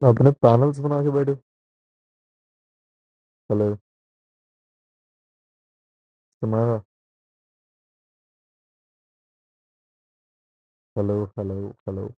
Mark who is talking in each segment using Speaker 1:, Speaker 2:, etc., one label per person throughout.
Speaker 1: Hello. Hello. Hello. Hello.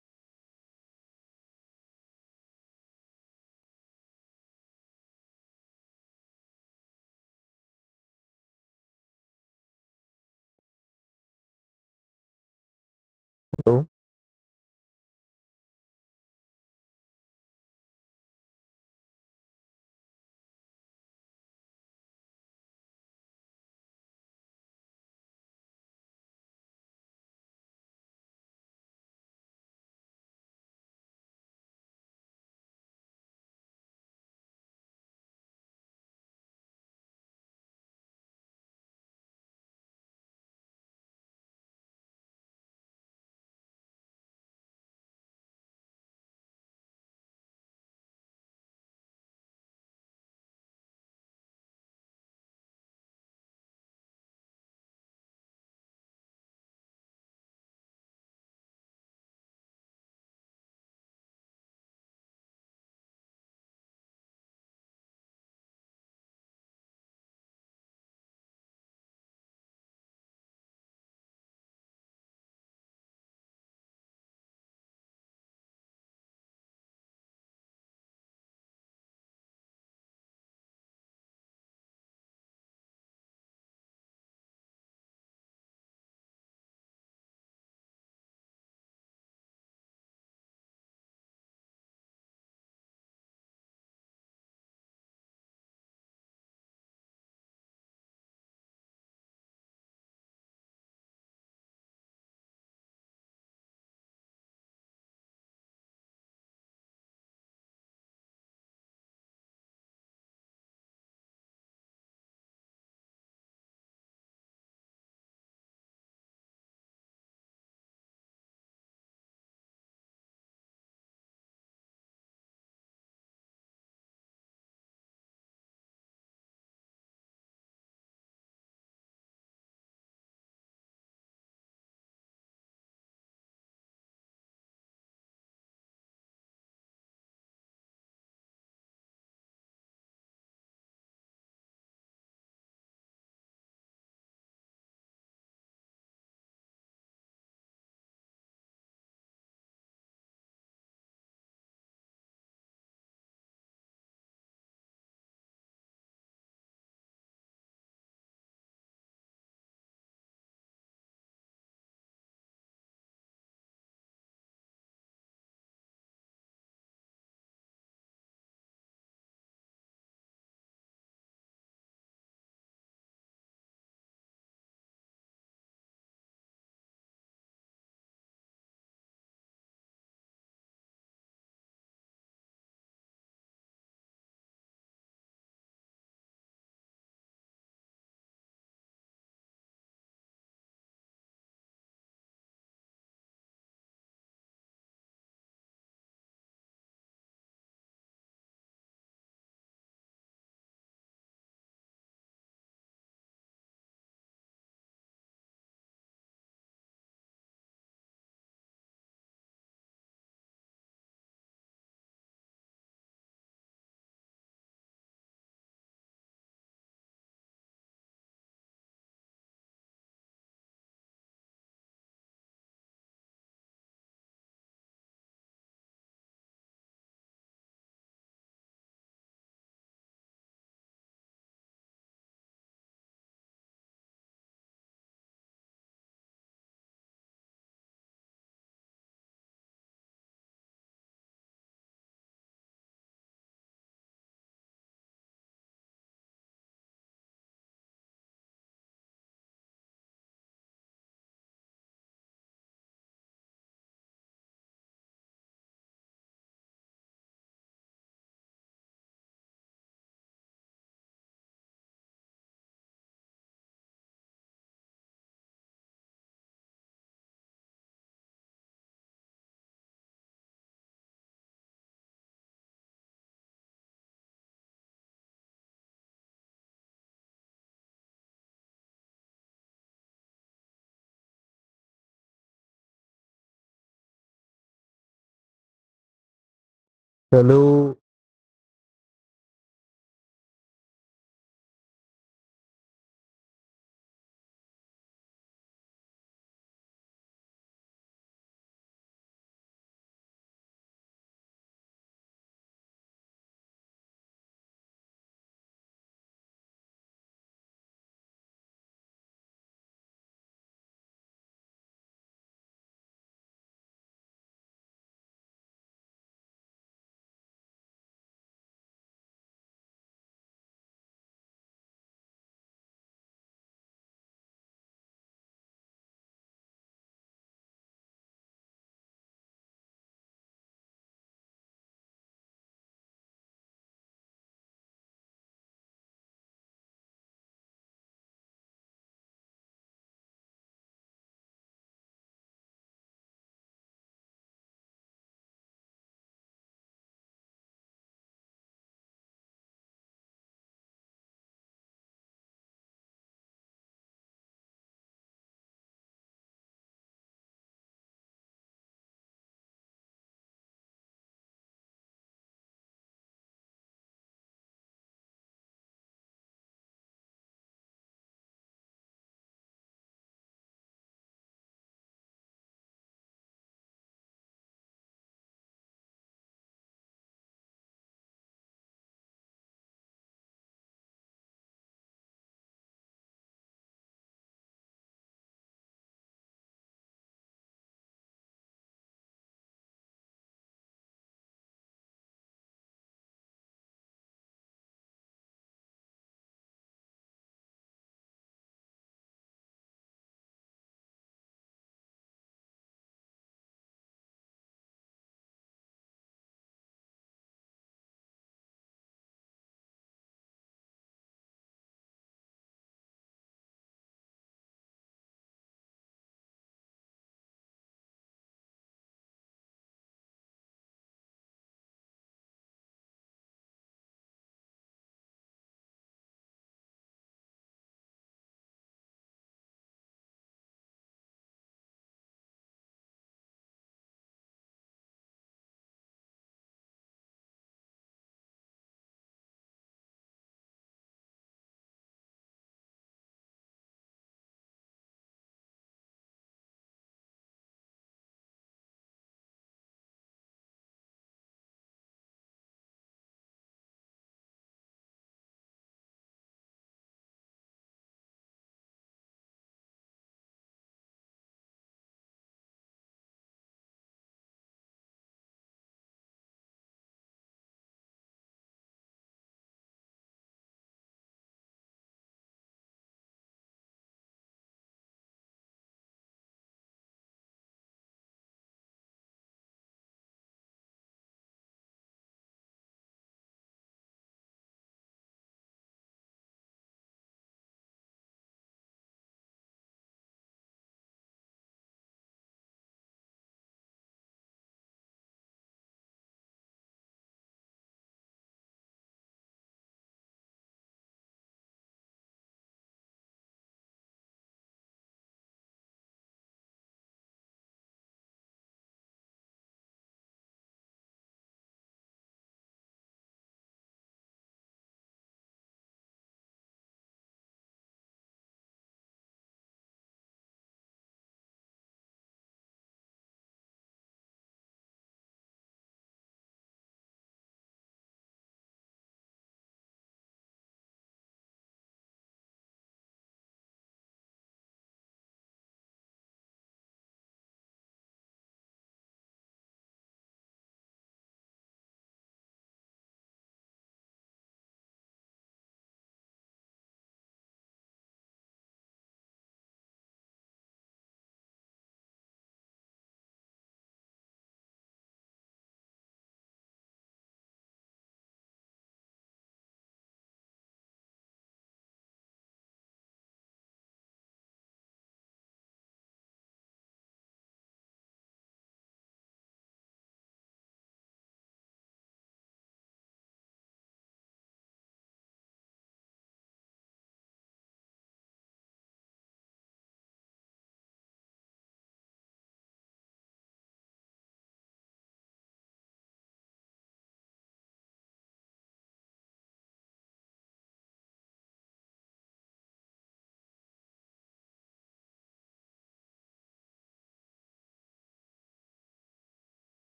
Speaker 1: Hello.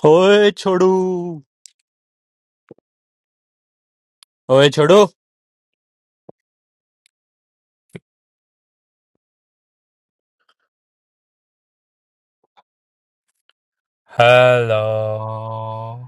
Speaker 2: Hey, Chudu. Hey, Chudu. Hello.